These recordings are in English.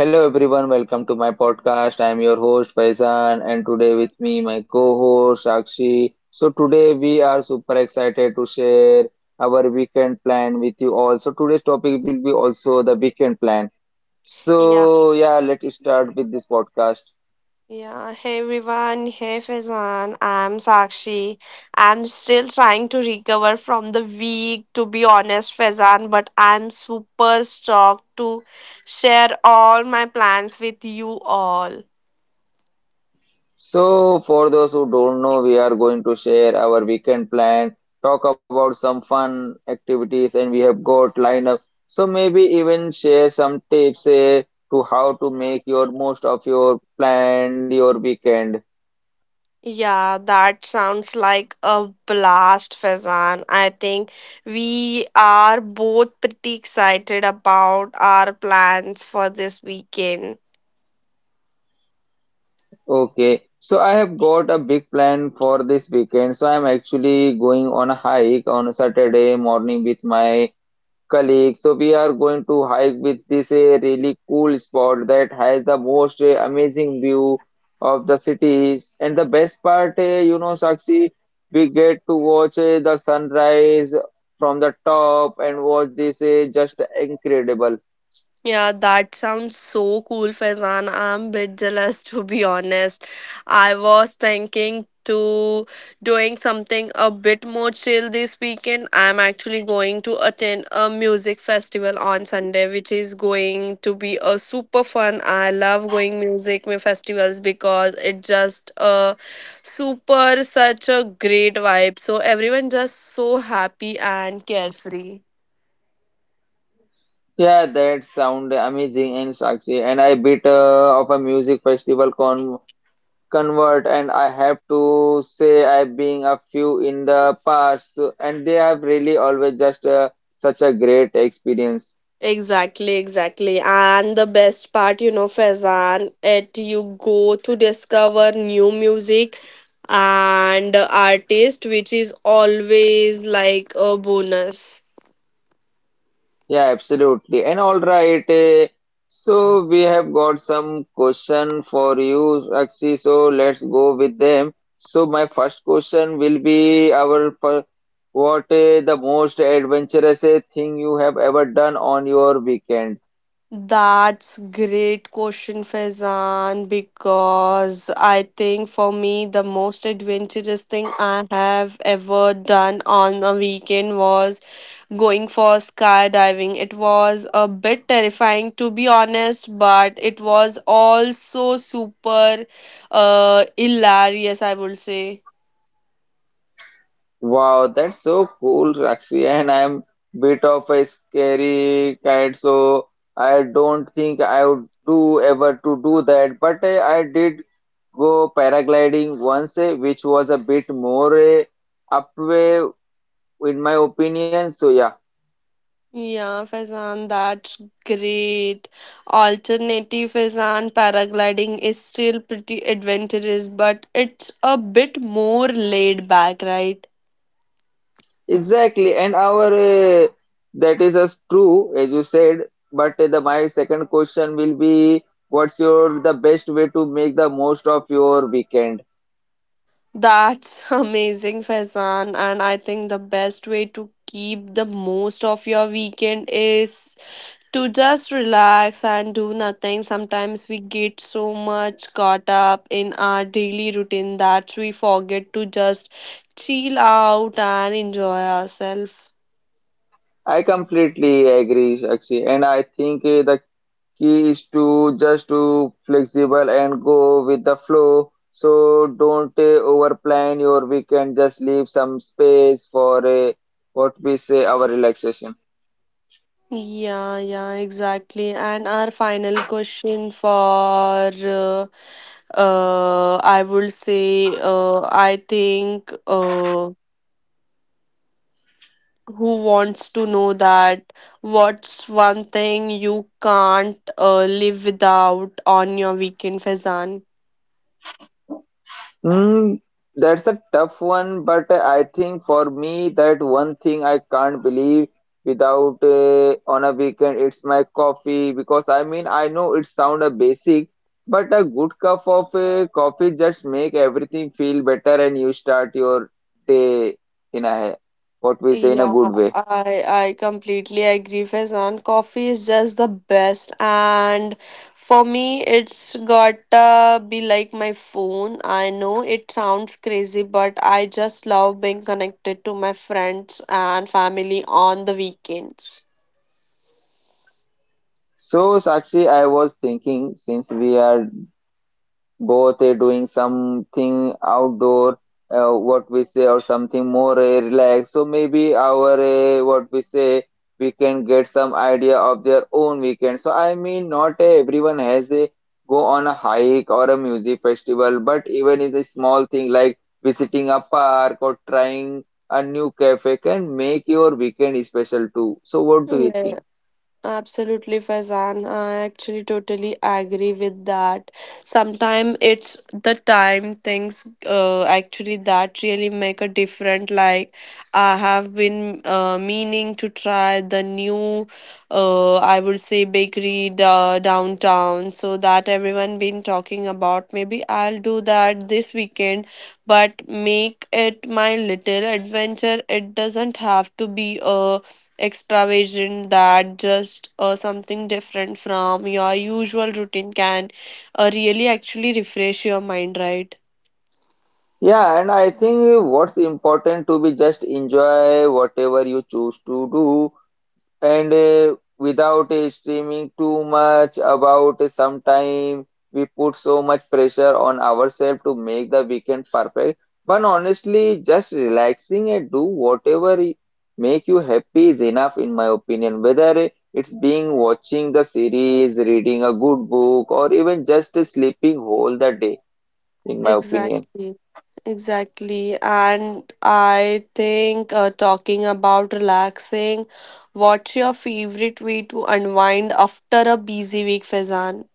Hello everyone, welcome to my podcast. I am your host Faizan and today with me my co-host Sakshi. So today we are super excited to share our weekend plan with you all. So today's topic will be also the weekend plan. Yeah. So yeah, let's start with this podcast. Yeah, hey everyone, hey Faizan, I'm Sakshi. I'm still trying to recover from the week, to be honest, Faizan, but I'm super stoked to share all my plans with you all. So, for those who don't know, we are going to share our weekend plan, talk about some fun activities, and we have got lineup. So maybe even share some tips to how to make your most of your planned your weekend. Yeah, that sounds like a blast, Faizan. I think we are both pretty excited about our plans for this weekend. Okay, so I have got a big plan for this weekend. So I'm actually going on a hike on a Saturday morning with my colleague. So we are going to hike with this a really cool spot that has the most amazing view of the cities. And the best part, Sakshi, we get to watch the sunrise from the top and watch this just incredible. Yeah, that sounds so cool, Faizan. I'm a bit jealous to be honest. I was thinking to doing something a bit more chill this weekend. I'm actually going to attend a music festival on Sunday, which is going to be a super fun. I love going music festivals because it just a super such a great vibe. So everyone just so happy and carefree. Yeah, that sound amazing and Sakshi. And I bit of a music festival convert and I have to say I've been a few in the past so, and they have really always just such a great experience. Exactly, exactly. And the best part, you know, Faizan, it you go to discover new music and artist, which is always like a bonus. Yeah, absolutely. And all right, so we have got some question for you, Akshi. So let's go with them. So my first question will be what the most adventurous thing you have ever done on your weekend? That's great question, Faizan, because I think for me the most adventurous thing I have ever done on a weekend was going for skydiving. It was a bit terrifying to be honest, but it was also super hilarious, I would say. Wow, that's so cool, Rakshi. And I'm bit of a scary cat, so I don't think I would do ever to do that. But I did go paragliding once, which was a bit more up way, in my opinion. So yeah, Yeah, Faizan, that's great. Alternative Faizan paragliding is still pretty adventurous, but it's a bit more laid back, right? exactly. And our that is as true as you said. But the my second question will be, what's your the best way to make the most of your weekend? That's amazing, Faizan. And I think the best way to keep the most of your weekend is to just relax and do nothing. Sometimes we get so much caught up in our daily routine that we forget to just chill out and enjoy ourselves. I completely agree, Sakshi, and I think the key is to just to flexible and go with the flow. So don't overplan your weekend. Just leave some space for what we say our relaxation. Yeah, yeah, exactly. And our final question for I would say I think who wants to know that what's one thing you can't live without on your weekend, Fazan? Mm, that's a tough one, but I think for me that one thing I can't believe without on a weekend it's my coffee because I mean I know it sound a basic, but a good cup of coffee just make everything feel better and you start your day in a what we say in a Yeah, good way. I completely agree, Faizan. Coffee is just the best, and for me, it's gotta be like my phone. I know it sounds crazy, but I just love being connected to my friends and family on the weekends. So Sakshi, I was thinking since we are both doing something outdoor what we say or something more relaxed, so maybe our what we say we can get some idea of their own weekend. So I mean not everyone has a go on a hike or a music festival, but even is a small thing like visiting a park or trying a new cafe can make your weekend special too. So what do you think? Absolutely, Faizan. I actually totally agree with that. Sometimes it's the time things actually that really make a difference. Like I have been meaning to try the new, I would say bakery downtown. So that everyone been talking about. Maybe I'll do that this weekend, but make it my little adventure. It doesn't have to be a extravagant that just something different from your usual routine can really actually refresh your mind, right? Yeah, and I think what's important to be just enjoy whatever you choose to do and without streaming too much about sometime we put so much pressure on ourselves to make the weekend perfect. But honestly, just relaxing and do whatever make you happy is enough in my opinion. Whether it's being watching the series, reading a good book, or even just sleeping whole the day, in my opinion. Exactly. Exactly. And I think talking about relaxing, what's your favorite way to unwind after a busy week, Fezan?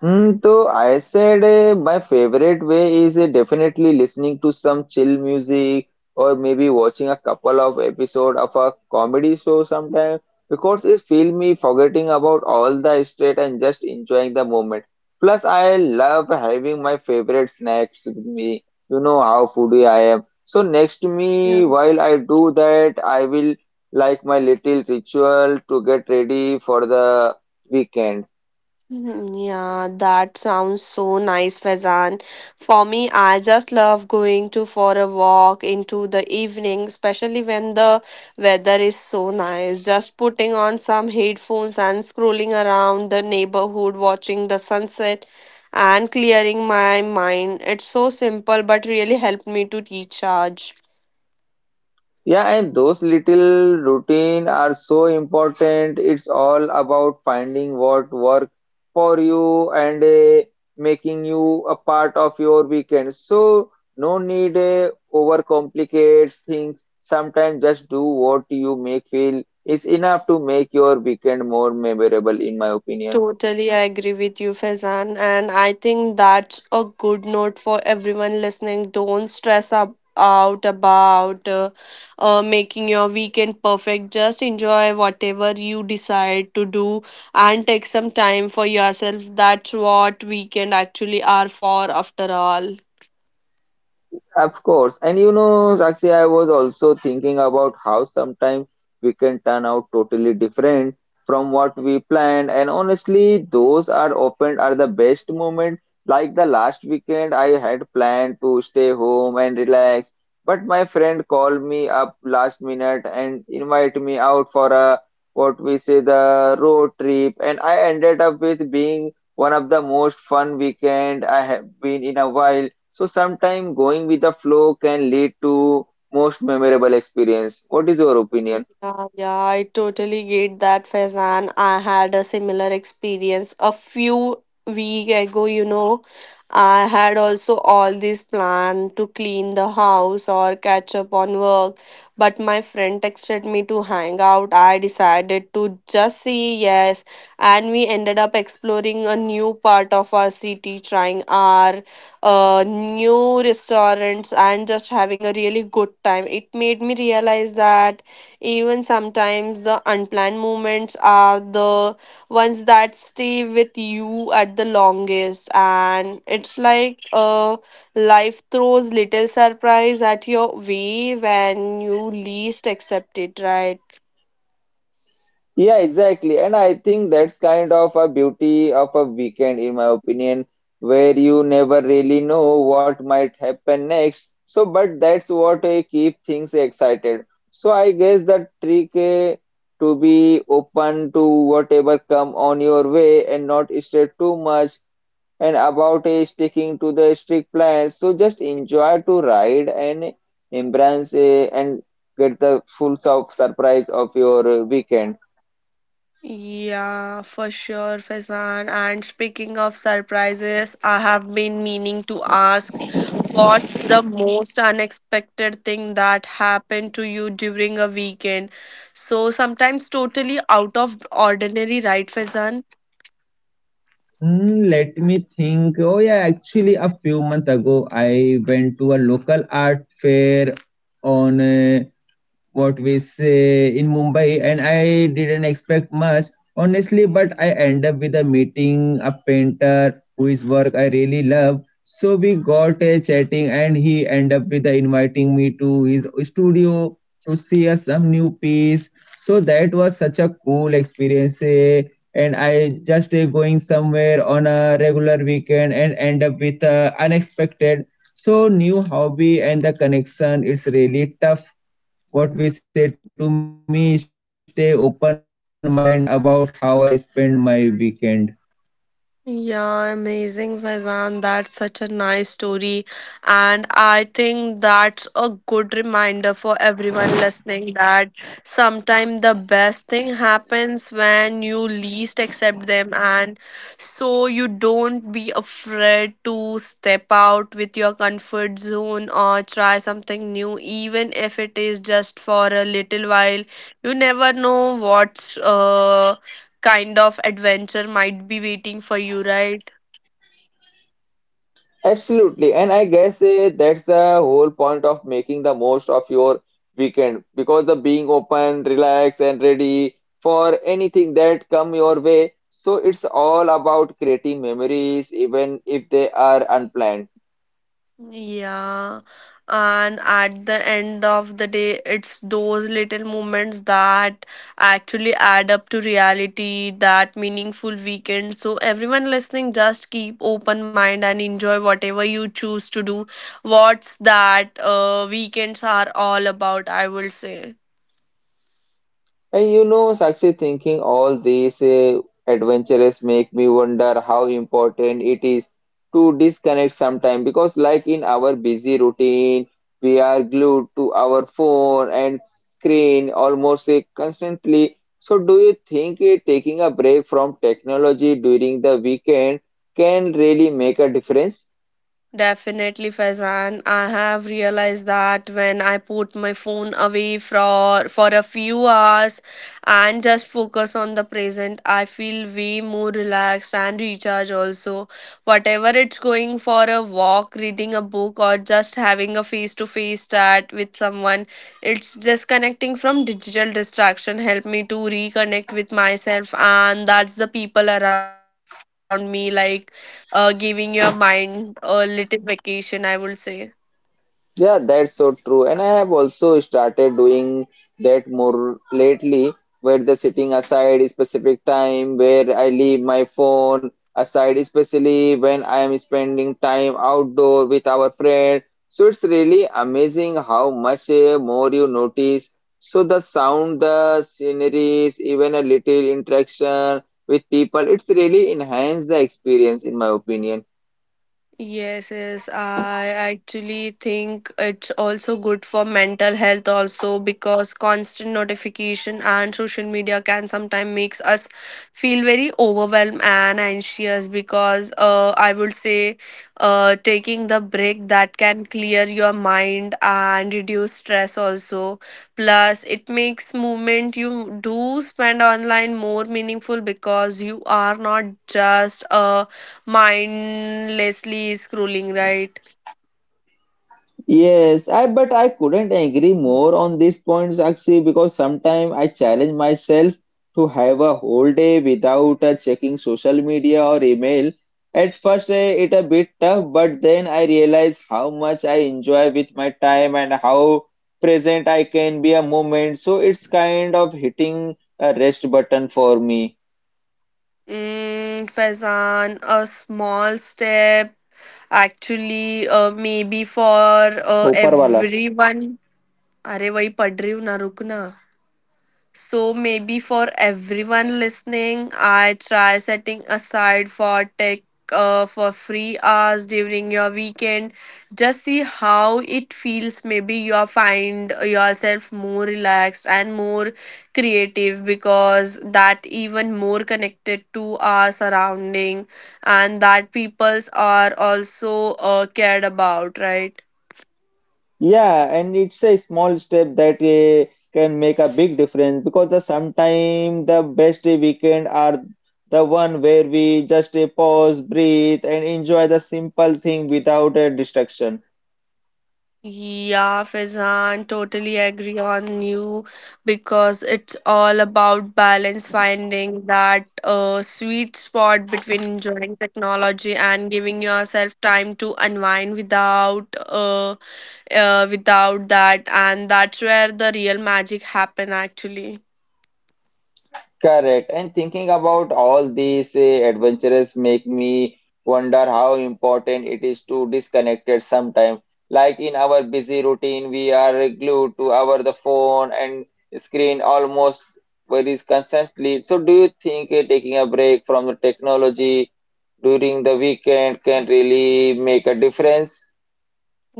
So I said my favorite way is definitely listening to some chill music or maybe watching a couple of episode of a comedy show sometime because it feel me forgetting about all the stress and just enjoying the moment. Plus, I love having my favorite snacks with me. You know how foodie I am. So next to me, while I do that, I will like my little ritual to get ready for the weekend. Mhm. Yeah, that sounds so nice, Faizan. For me, I just love going to for a walk into the evening, especially when the weather is so nice. Just putting on some headphones and scrolling around the neighborhood, watching the sunset and clearing my mind. It's so simple, but really helped me to recharge. Yeah, and those little routine are so important. It's all about finding what work for you and making you a part of your weekend. So no need overcomplicate things. Sometimes just do what you make feel is enough to make your weekend more memorable, in my opinion. Totally, I agree with you, Faizan. And I think that's a good note for everyone listening. Don't stress up, out about making your weekend perfect. Just enjoy whatever you decide to do and take some time for yourself. That's what weekend actually are for, after all. Of course. And Sakshi, I was also thinking about how sometimes we can turn out totally different from what we planned. And honestly, those are often are the best moment. Like the last weekend, I had planned to stay home and relax, but my friend called me up last minute and invited me out for a what we say the road trip, and I ended up with being one of the most fun weekend I have been in a while. So sometimes going with the flow can lead to most memorable experience. What is your opinion? Yeah, yeah, I totally get that, Faizan. I had a similar experience a few week ago, you know. I had also all this plan to clean the house or catch up on work, but my friend texted me to hang out. I decided to just say yes, and we ended up exploring a new part of our city, trying our new restaurants and just having a really good time. It made me realize that even sometimes the unplanned moments are the ones that stay with you at the longest. And it's like life throws little surprise at your way when you least expect it, right? Yeah, exactly. And I think that's kind of a beauty of a weekend, in my opinion, where you never really know what might happen next. So, but that's what keep things excited. So, I guess the trick to be open to whatever come on your way and not stress too much and about sticking to the strict plans. So just enjoy to ride and embrace and get the full surprise of your weekend. Yeah, for sure, Faizan. And speaking of surprises, I have been meaning to ask, what's the most unexpected thing that happened to you during a weekend? So sometimes totally out of ordinary, right, Fazan? Let me think. Oh yeah, actually a few months ago I went to a local art fair on what we say in Mumbai, and I didn't expect much, honestly. But I end up with a meeting a painter whose work I really love. So we got a chatting, and he end up with a inviting me to his studio to see us some new piece. So that was such a cool experience. And I just going somewhere on a regular weekend and end up with a unexpected. So new hobby and the connection. It's really tough what we say to me, stay open mind about how I spend my weekend. Yeah, amazing, Faizan. That's such a nice story. And I think that's a good reminder for everyone listening that sometimes the best thing happens when you least accept them. And so you don't be afraid to step out with your comfort zone or try something new, even if it is just for a little while. You never know what's kind of adventure might be waiting for you, right? Absolutely, and I guess that's the whole point of making the most of your weekend because the being open, relaxed, and ready for anything that come your way. So it's all about creating memories, even if they are unplanned. Yeah. And at the end of the day, it's those little moments that actually add up to reality, that meaningful weekend. So, everyone listening, just keep open mind and enjoy whatever you choose to do. What's that weekends are all about, I will say. And Sakshi, thinking all these adventures make me wonder how important it is to disconnect sometime because, like in our busy routine, we are glued to our phone and screen almost constantly. So, do you think taking a break from technology during the weekend can really make a difference? Definitely, Faizan. I have realized that when I put my phone away for a few hours and just focus on the present, I feel way more relaxed and recharged also. Whatever it's going for a walk, reading a book, or just having a face-to-face chat with someone, it's disconnecting from digital distraction help me to reconnect with myself and that's the people around me like giving your mind a little vacation, I would say. Yeah, that's so true. And I have also started doing that more lately, where the sitting aside specific time, where I leave my phone aside, especially when I am spending time outdoor with our friend. So it's really amazing how much more you notice. So the sound, the sceneries, even a little interaction with people, it's really enhanced the experience, in my opinion. Yes, yes. I actually think it's also good for mental health also because constant notification and social media can sometimes makes us feel very overwhelmed and anxious because I would say taking the break that can clear your mind and reduce stress also. Plus, it makes movement you do spend online more meaningful because you are not just mindlessly scrolling, right? Yes, I but I couldn't agree more on these points, Akshi, because sometimes I challenge myself to have a whole day without checking social media or email. At first, it a bit tough, but then I realize how much I enjoy with my time and how present I can be a moment. So it's kind of hitting a rest button for me. Mm, Faizan, a small step actually maybe for ऊपर wala. everyone. अरे वही पढ़ रही हूँ ना रुक ना. So maybe for everyone listening, I try setting aside for tech for free hours during your weekend. Just see how it feels. Maybe you find yourself more relaxed and more creative because that even more connected to our surrounding and that peoples are also cared about, right? Yeah, and it's a small step that can make a big difference because the sometimes the best weekend are the one where we just pause, breathe, and enjoy the simple thing without a distraction. Yeah, Faizan, totally agree on you because it's all about balance, finding that sweet spot between enjoying technology and giving yourself time to unwind without that, and that's where the real magic happen actually. Correct. And thinking about all these adventures make me wonder how important it is to disconnect at some time. Like in our busy routine, we are glued to our the phone and screen almost very constantly. So, do you think taking a break from the technology during the weekend can really make a difference?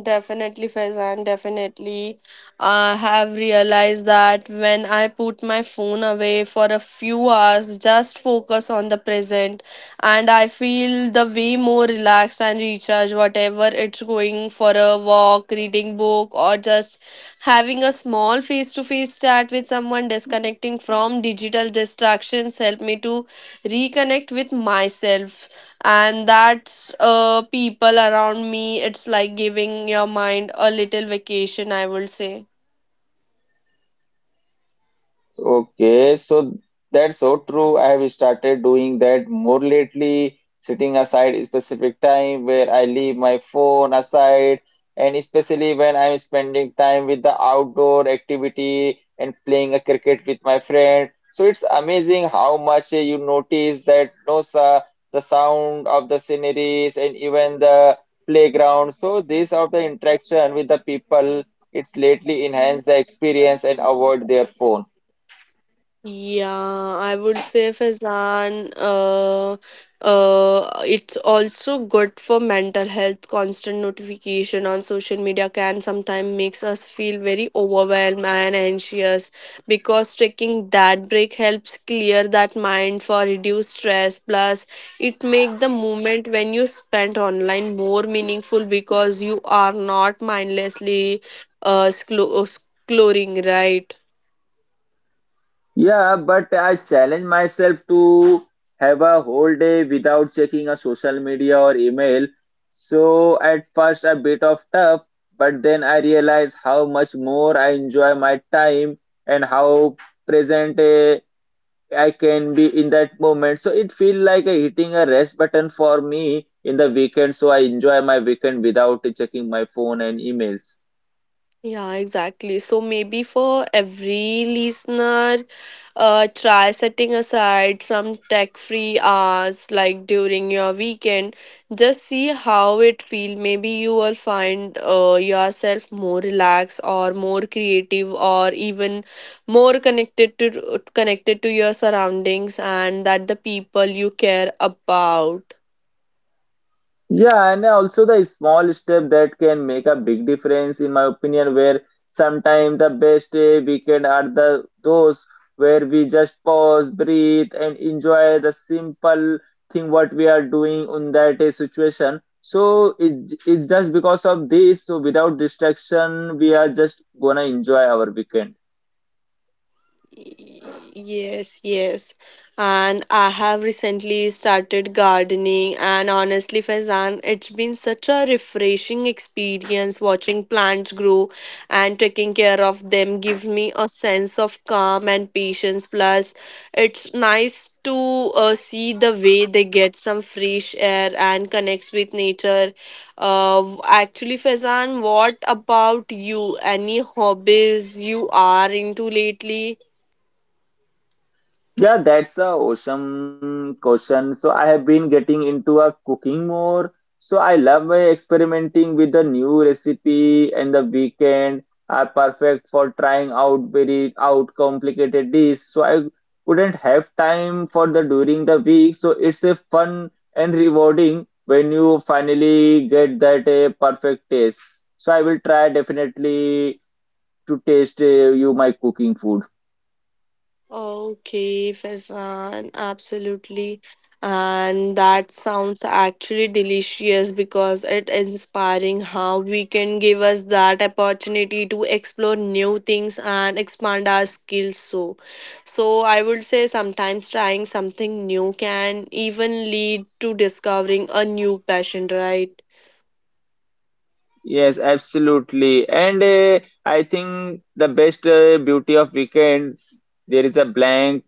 Definitely, Faizan, definitely. I have realized that when I put my phone away for a few hours, just focus on the present, and I feel the way more relaxed and recharged, whatever it's going for a walk, reading book, or just having a small face to face chat with someone disconnecting from digital distractions helped me to reconnect with myself and that's people around me, it's like giving your mind a little vacation, I would say. Okay, so that's so true. I have started doing that more lately, setting aside a specific time where I leave my phone aside, and especially when I'm spending time with the outdoor activity and playing a cricket with my friend. So it's amazing how much you notice that those the sound of the sceneries and even the playground. So this of the interaction with the people, it's lately enhance the experience and avoid their phone. Yeah, I would say Faizan, it's also good for mental health. Constant notification on social media can sometimes makes us feel very overwhelmed and anxious because taking that break helps clear that mind for reduce stress. Plus, it make the moment when you spend online more meaningful because you are not mindlessly uh, sclo- uh, scrolling, right? Yeah, but I challenge myself to have a whole day without checking a social media or email. So at first a bit of tough, but then I realize how much more I enjoy my time and how present I can be in that moment. So it feels like a hitting a rest button for me in the weekend. So I enjoy my weekend without checking my phone and emails. Yeah, exactly. So maybe for every listener, try setting aside some tech-free hours like during your weekend. Just see how it feels. Maybe you will find yourself more relaxed or more creative or even more connected to your surroundings and that the people you care about. Yeah, and also the small step that can make a big difference, in my opinion, where sometimes the best weekend are the those where we just pause, breathe, and enjoy the simple thing what we are doing in that situation. So it's just because of this, so without distraction, we are just gonna enjoy our weekend. Yes, yes. And I have recently started gardening, and honestly, Faizan, it's been such a refreshing experience watching plants grow and taking care of them give me a sense of calm and patience. Plus, it's nice to see the way they get some fresh air and connects with nature. Actually, Faizan, what about you? Any hobbies you are into lately? Yeah, that's a awesome question. So I have been getting into a cooking more. So I love experimenting with the new recipe and the weekend are perfect for trying out very out complicated dish. So I wouldn't have time for the during the week. So it's a fun and rewarding when you finally get that a perfect taste. So I will try definitely to taste you my cooking food. Okay, Faizan, absolutely. And that sounds actually delicious because it inspiring how we can give us that opportunity to explore new things and expand our skills so. So I would say sometimes trying something new can even lead to discovering a new passion, right? Yes, absolutely. And I think the best beauty of weekend, there is a blank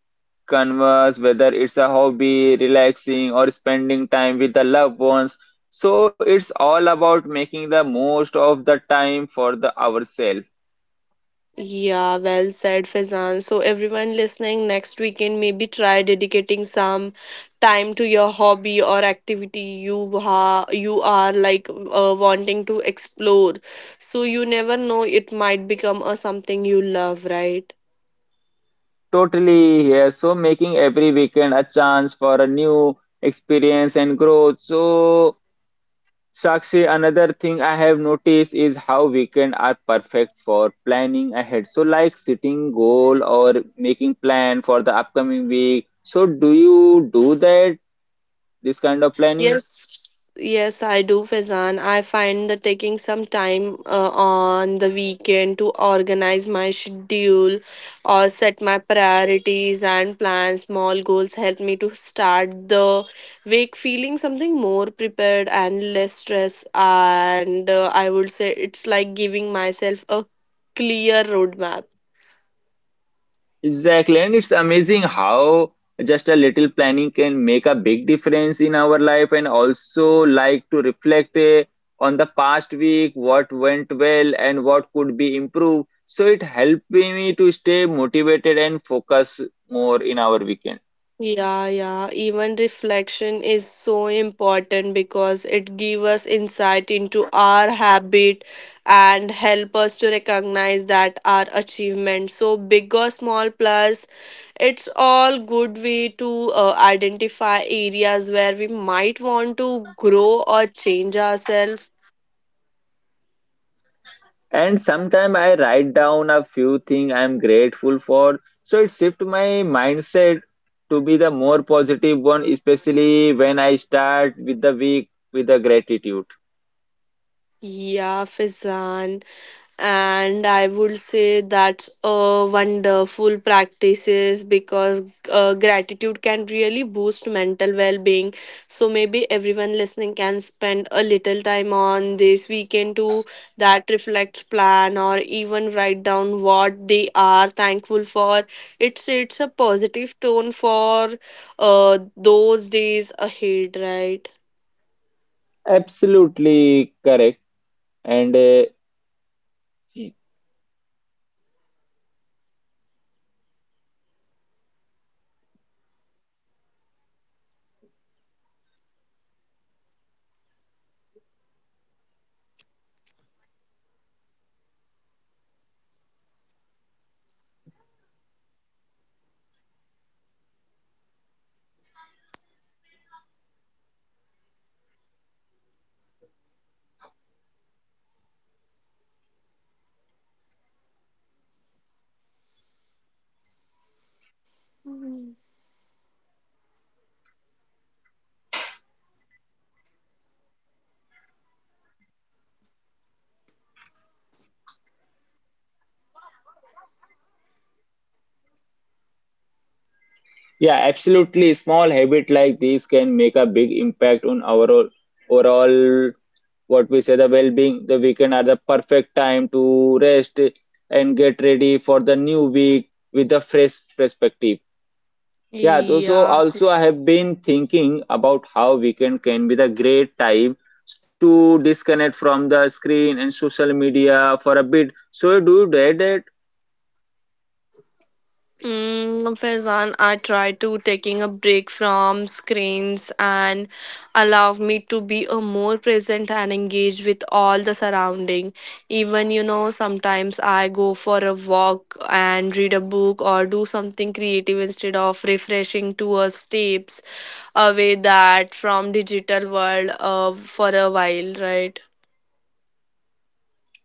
canvas, whether it's a hobby, relaxing, or spending time with the loved ones. So it's all about making the most of the time for the ourselves. Yeah, well said, Fizan. So, everyone listening, next weekend, maybe try dedicating some time to your hobby or activity you ha you are like wanting to explore. So, you never know, it might become a something you love, right? Totally here. So making every weekend a chance for a new experience and growth. So Sakshi, another thing I have noticed is how weekend are perfect for planning ahead. So like setting goal or making plan for the upcoming week. So do you do that, this kind of planning? Yes, yes, I do, Faizan. I find that taking some time on the weekend to organize my schedule or set my priorities and plan small goals help me to start the week feeling something more prepared and less stress. And I would say it's like giving myself a clear roadmap. Exactly, and it's amazing how just a little planning can make a big difference in our life and also like to reflect on the past week, what went well and what could be improved. So it helped me to stay motivated and focus more in our weekend. Yeah, yeah. Even reflection is so important because it gives us insight into our habit and help us to recognize that our achievement. So big or small plus, it's all good way to identify areas where we might want to grow or change ourselves. And sometimes I write down a few things I'm grateful for. So it shift my mindset to be the more positive one, especially when I start with the week with the gratitude. Yeah, Fizan, and I would say that's a wonderful practices because gratitude can really boost mental well-being. So maybe everyone listening can spend a little time on this weekend to that reflects plan or even write down what they are thankful for. It's a positive tone for those days ahead, right? Absolutely correct. And Mhm. yeah, absolutely small habit like this can make a big impact on our overall what we say the well-being. The weekend are the perfect time to rest and get ready for the new week with a fresh perspective. Yeah, so Yeah. also I have been thinking about how weekend can be the great time to disconnect from the screen and social media for a bit. So do you do that? Mm, no, Faizan, I try to taking a break from screens and allow me to be a more present and engaged with all the surrounding. Even sometimes I go for a walk and read a book or do something creative instead of refreshing to a steps away that from digital world for a while, right?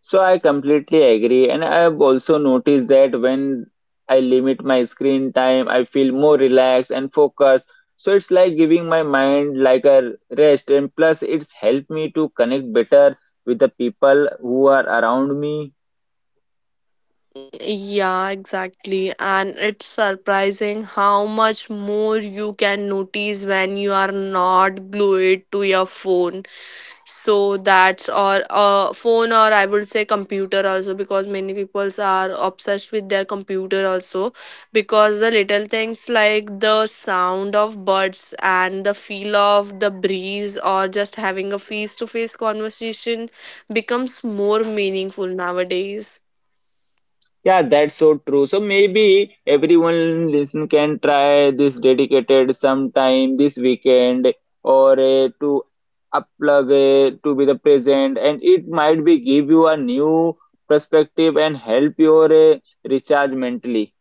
So I completely agree, and I have also noticed that when I limit my screen time, I feel more relaxed and focused. So it's like giving my mind like a rest, and plus it's helped me to connect better with the people who are around me. Yeah, exactly. And it's surprising how much more you can notice when you are not glued to your phone. So that's or phone or I would say computer also, because many people are obsessed with their computer also because the little things like the sound of birds and the feel of the breeze or just having a face to face conversation becomes more meaningful nowadays. Yeah, that's so true. So maybe everyone listen can try this dedicated sometime this weekend or to unplug to be the present, and it might be give you a new perspective and help your recharge mentally.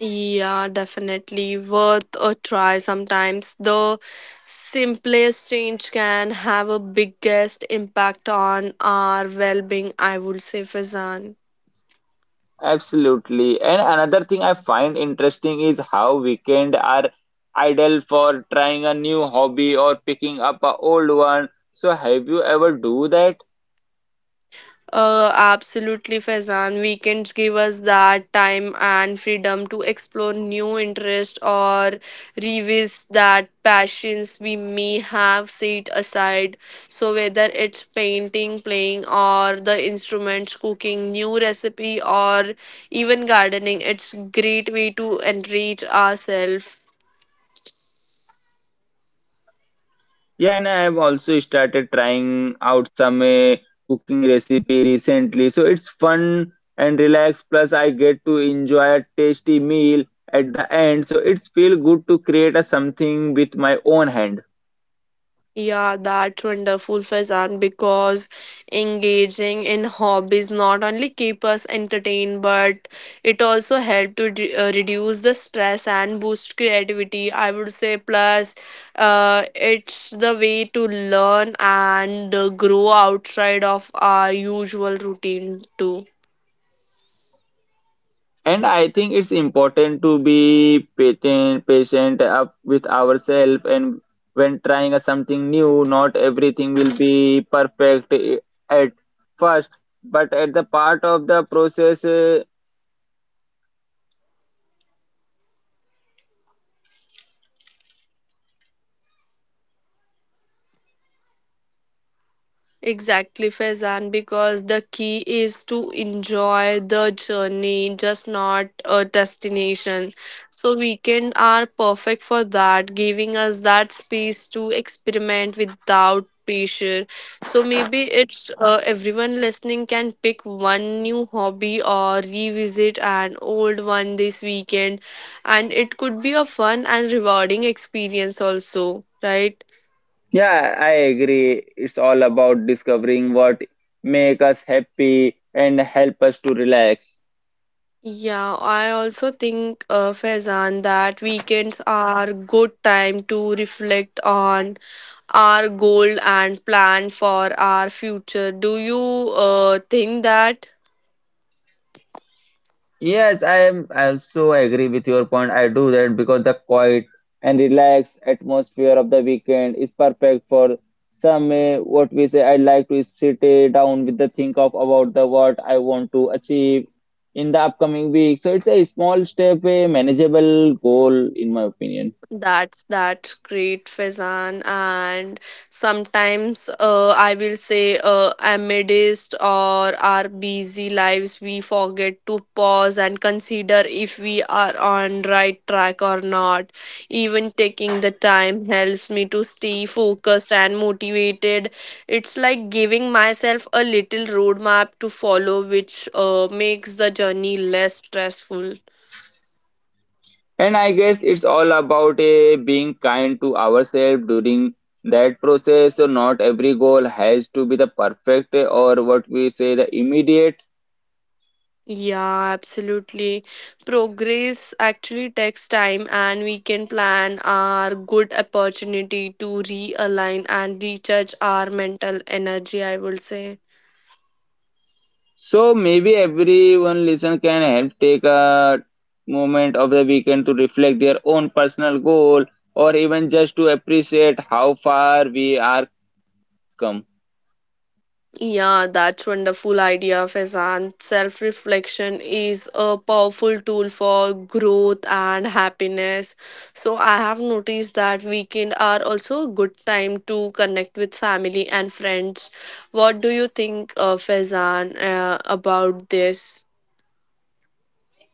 Yeah, definitely worth a try. Sometimes the simplest change can have a biggest impact on our well being, I would say, Fazan. Absolutely. And another thing I find interesting is how weekend are ideal for trying a new hobby or picking up a old one. So have you ever do that? Absolutely, Faizan. Weekends give us that time and freedom to explore new interests or revisit that passions we may have set aside. So whether it's painting, playing, or the instruments, cooking new recipe, or even gardening, it's great way to enrich ourselves. Yeah, and I have also started trying out some cooking recipe recently. So it's fun and relax. Plus, I get to enjoy a tasty meal at the end. So it's feel good to create a something with my own hand. Yeah, that's wonderful, Faizan, because engaging in hobbies not only keep us entertained, but it also help to reduce the stress and boost creativity, I would say. Plus, it's the way to learn and grow outside of our usual routine too. And I think it's important to be patient, patient up with ourselves and when trying a something new, not everything will be perfect at first but at the part of the process uh. Exactly, Faizan, because the key is to enjoy the journey, just not a destination. So weekend are perfect for that, giving us that space to experiment without pressure. So maybe it's everyone listening can pick one new hobby or revisit an old one this weekend, and it could be a fun and rewarding experience also, right? Yeah, I agree. It's all about discovering what make us happy and help us to relax. Yeah, I also think, Faizan, that weekends are good time to reflect on our goal and plan for our future. Do you think that? Yes, I also agree with your point. I do that because the quiet and relaxed atmosphere of the weekend is perfect for some what we say I like to sit down with the think of about the what I want to achieve in the upcoming week. So it's a small step, a manageable goal in my opinion. That's that great, Faizan. And sometimes I will say amidst or our busy lives, we forget to pause and consider if we are on right track or not. Even taking the time helps me to stay focused and motivated. It's like giving myself a little roadmap to follow, which makes the journey less stressful. And I guess it's all about being kind to ourselves during that process. So not every goal has to be the perfect or what we say the immediate. Yeah, absolutely. Progress actually takes time, and we can plan our good opportunity to realign and recharge our mental energy, I would say. So maybe everyone listen can help take a moment of the weekend to reflect their own personal goal or even just to appreciate how far we are come. Yeah, that's wonderful idea, Faizan. Self reflection is a powerful tool for growth and happiness. So I have noticed that weekend are also a good time to connect with family and friends. What do you think, Faizan, about this?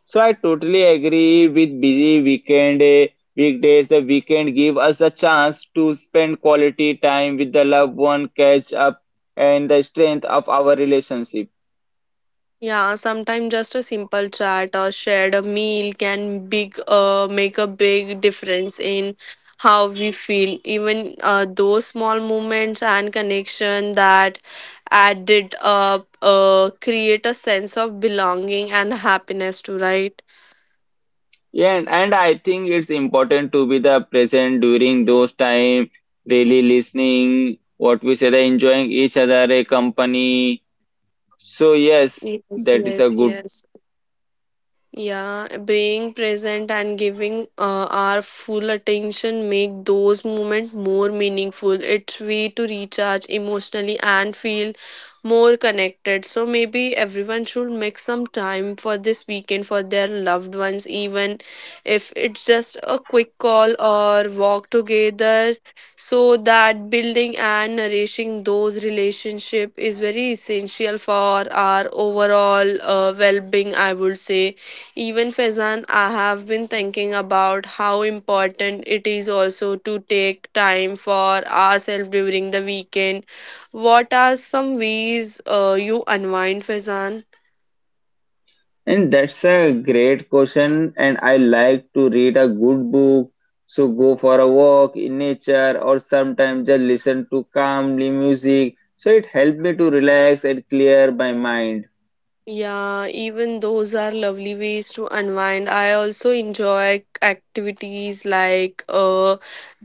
So I totally agree with busy weekend weekdays. The weekend give us a chance to spend quality time with the loved one, catch up, and the strength of our relationship. Yeah, sometimes just a simple chat or shared a meal can big make a big difference in how we feel. Even those small moments and connection that added up, create a sense of belonging and happiness too, right? Yeah, and I think it's important to be the present during those time, really listening, what we said, enjoying each other, a company. So yes, Yes, that is a yes, good. yes. Yeah, being present and giving our full attention make those moments more meaningful. It's way to recharge emotionally and feel more connected. So maybe everyone should make some time for this weekend for their loved ones, even if it's just a quick call or walk together. So that building and nourishing those relationship is very essential for our overall well-being, I would say. Even Faizan, I have been thinking about how important it is also to take time for ourselves during the weekend. What are some ways you unwind, Faizan? And that's a great question. And I like to read a good book, so go for a walk in nature, or sometimes just listen to calmly music. So it helped me to relax and clear my mind. Yeah, even those are lovely ways to unwind. I also enjoy activities like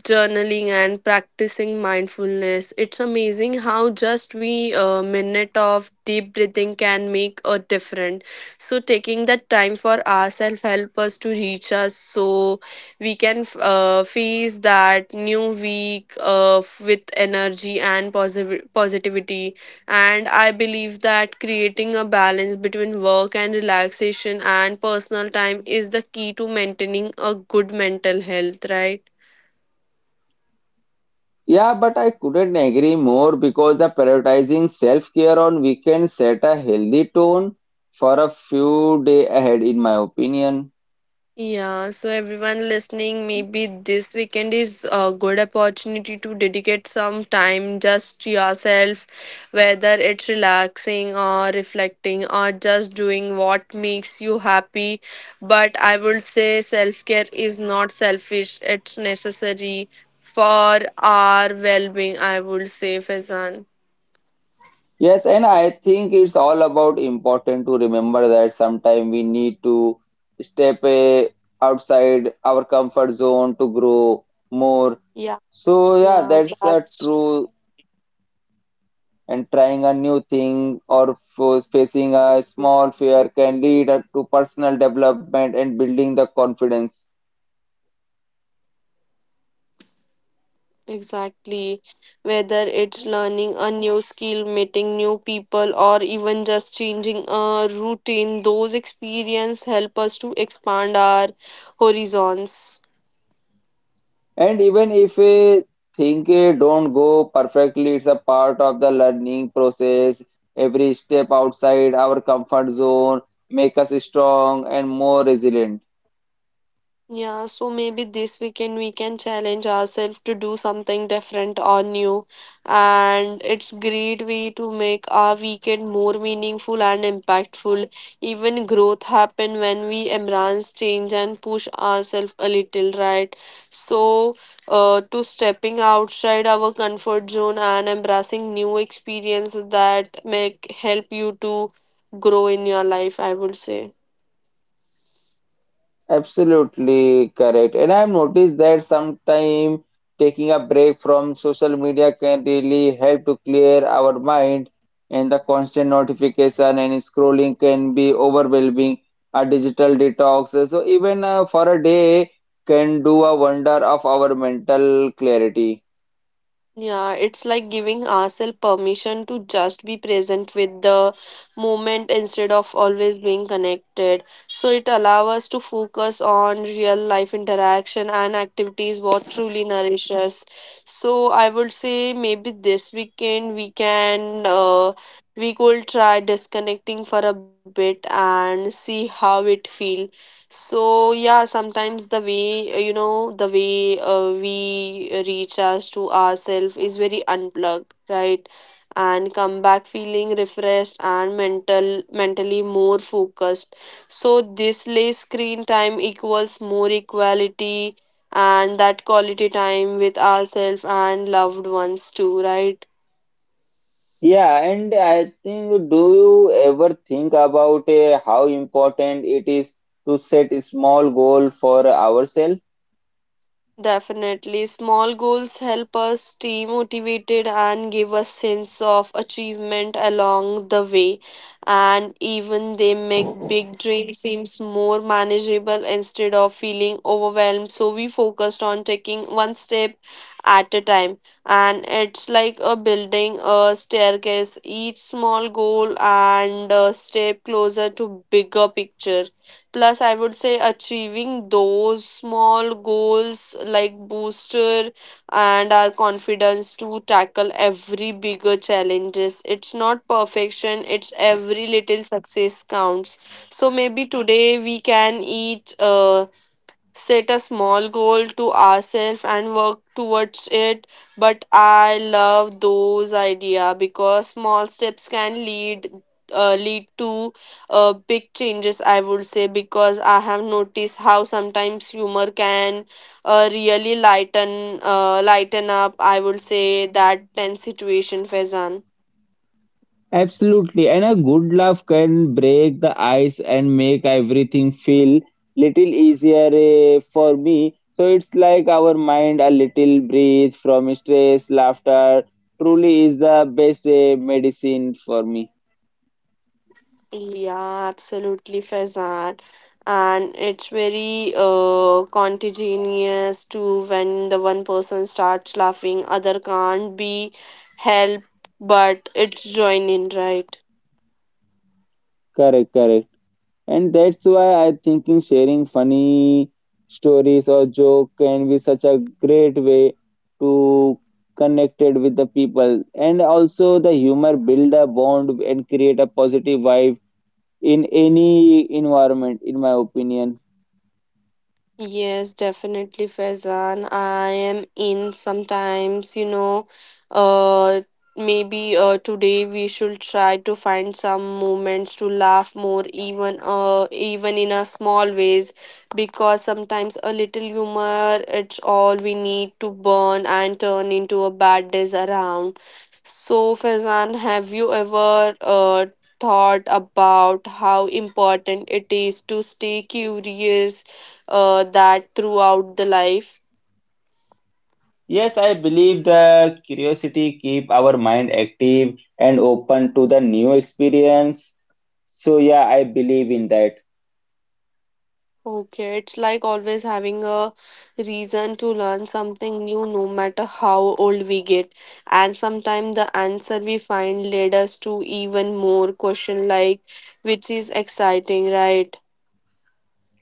journaling and practicing mindfulness. It's amazing how just we a minute of deep breathing can make a difference. So taking that time for ourselves help us to reach us so we can face that new week with energy and positive positivity and I believe that creating a balance between work and relaxation and personal time is the key to maintaining a good mental health, right? Yeah, but I couldn't agree more because the prioritizing self-care on weekends set a healthy tone for a few days ahead, in my opinion. Yeah, so everyone listening, maybe this weekend is a good opportunity to dedicate some time just to yourself, whether it's relaxing or reflecting or just doing what makes you happy. But I would say self care is not selfish, it's necessary for our well being, I would say, Fazan. Yes, and I think it's all about important to remember that sometimes we need to step outside our comfort zone to grow more. Yeah, So yeah, yeah, that's that's true. And trying a new thing or facing a small fear can lead up to personal development and building the confidence. Exactly. Whether it's learning a new skill, meeting new people, or even just changing a routine, those experiences help us to expand our horizons. And even if a thing don't go perfectly, it's a part of the learning process. Every step outside our comfort zone make us strong and more resilient. Yeah, so maybe this weekend we can challenge ourselves to do something different or new. And it's great way to make our weekend more meaningful and impactful. Even growth happen when we embrace change and push ourselves a little, right? So, to stepping outside our comfort zone and embracing new experiences that make help you to grow in your life, I would say. Absolutely correct. And I've noticed that sometime taking a break from social media can really help to clear our mind, and the constant notification and scrolling can be overwhelming. A digital detox, so even for a day, can do a wonder of our mental clarity. Yeah, it's like giving ourselves permission to just be present with the moment instead of always being connected. So it allows us to focus on real life interaction and activities what truly nourish us. So I would say maybe this weekend we can we could try disconnecting for a bit and see how it feels. So yeah, sometimes the way we recharge to ourselves is very unplugged, right? And come back feeling refreshed and mentally more focused. So this lay screen time equals more equality and that quality time with ourselves and loved ones too, right? Yeah, and I think, do you ever think about how important it is to set a small goal for ourselves? Definitely, small goals help us stay motivated and give us sense of achievement along the way, and even they make big dreams seems more manageable instead of feeling overwhelmed. So we focused on taking one step at a time, and it's like a building a staircase. Each small goal and a step closer to bigger picture. Plus, I would say achieving those small goals like booster and our confidence to tackle every bigger challenges. It's not perfection, it's every little success counts. So maybe today we can eat set a small goal to ourselves and work towards it, but I love those idea because small steps can lead to big changes, I would say. Because I have noticed how sometimes humor can really lighten up, I would say, that tense situation, Fezan. Absolutely, and a good laugh can break the ice and make everything feel little easier for me. So it's like our mind a little breathe from stress. Laughter truly is the best medicine for me. Yeah, absolutely, Faizan. And it's very contagious too. When the one person starts laughing, other can't be helped, but it's join in, right? Correct, correct, and that's why I thinking sharing funny stories or joke can be such a great way to connected with the people and also the humor build a bond and create a positive vibe in any environment, in my opinion. Yes, definitely, Faizan. I am in sometimes, you know, uh, maybe today we should try to find some moments to laugh more, even in a small ways, because sometimes a little humor, it's all we need to burn and turn into a bad days around. So, Faizan, have you ever thought about how important it is to stay curious? That throughout the life. Yes, I believe the curiosity keep our mind active and open to the new experience. So yeah, I believe in that. Okay, it's like always having a reason to learn something new, no matter how old we get. And sometimes the answer we find led us to even more question, like which is exciting, right?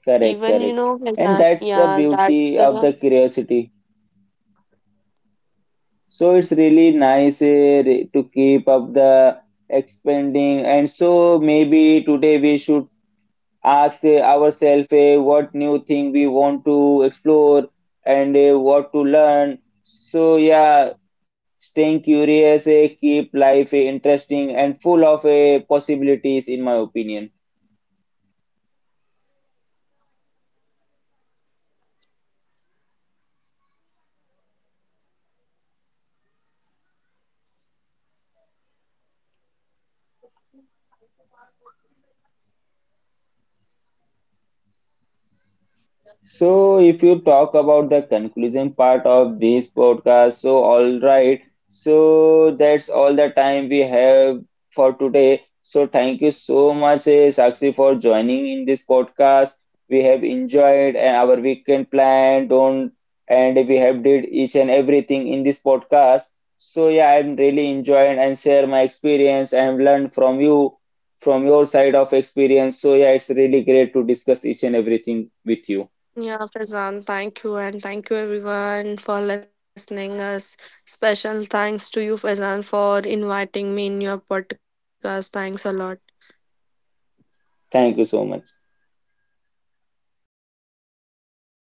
Correct, Even you correct. know, And Fazan, that's the yeah, that's beauty of the, the curiosity. So it's really nice to keep up the expanding. And so maybe today we should ask ourselves what new thing we want to explore and what to learn. So yeah, staying curious keep life interesting and full of possibilities in my opinion. So, if you talk about the conclusion part of this podcast, so all right. So, that's all the time we have for today. So, thank you so much, Sakshi, for joining in this podcast. We have enjoyed and our weekend plan, don't, and we have did each and everything in this podcast. So, yeah, I'm really enjoying and share my experience and learn from you, from your side of experience. So, yeah, it's really great to discuss each and everything with you. yeah, Fazan, thank you and thank you everyone for listening us. Special thanks to you, Fazan, for inviting me in your podcast. Thanks a lot. Thank you so much.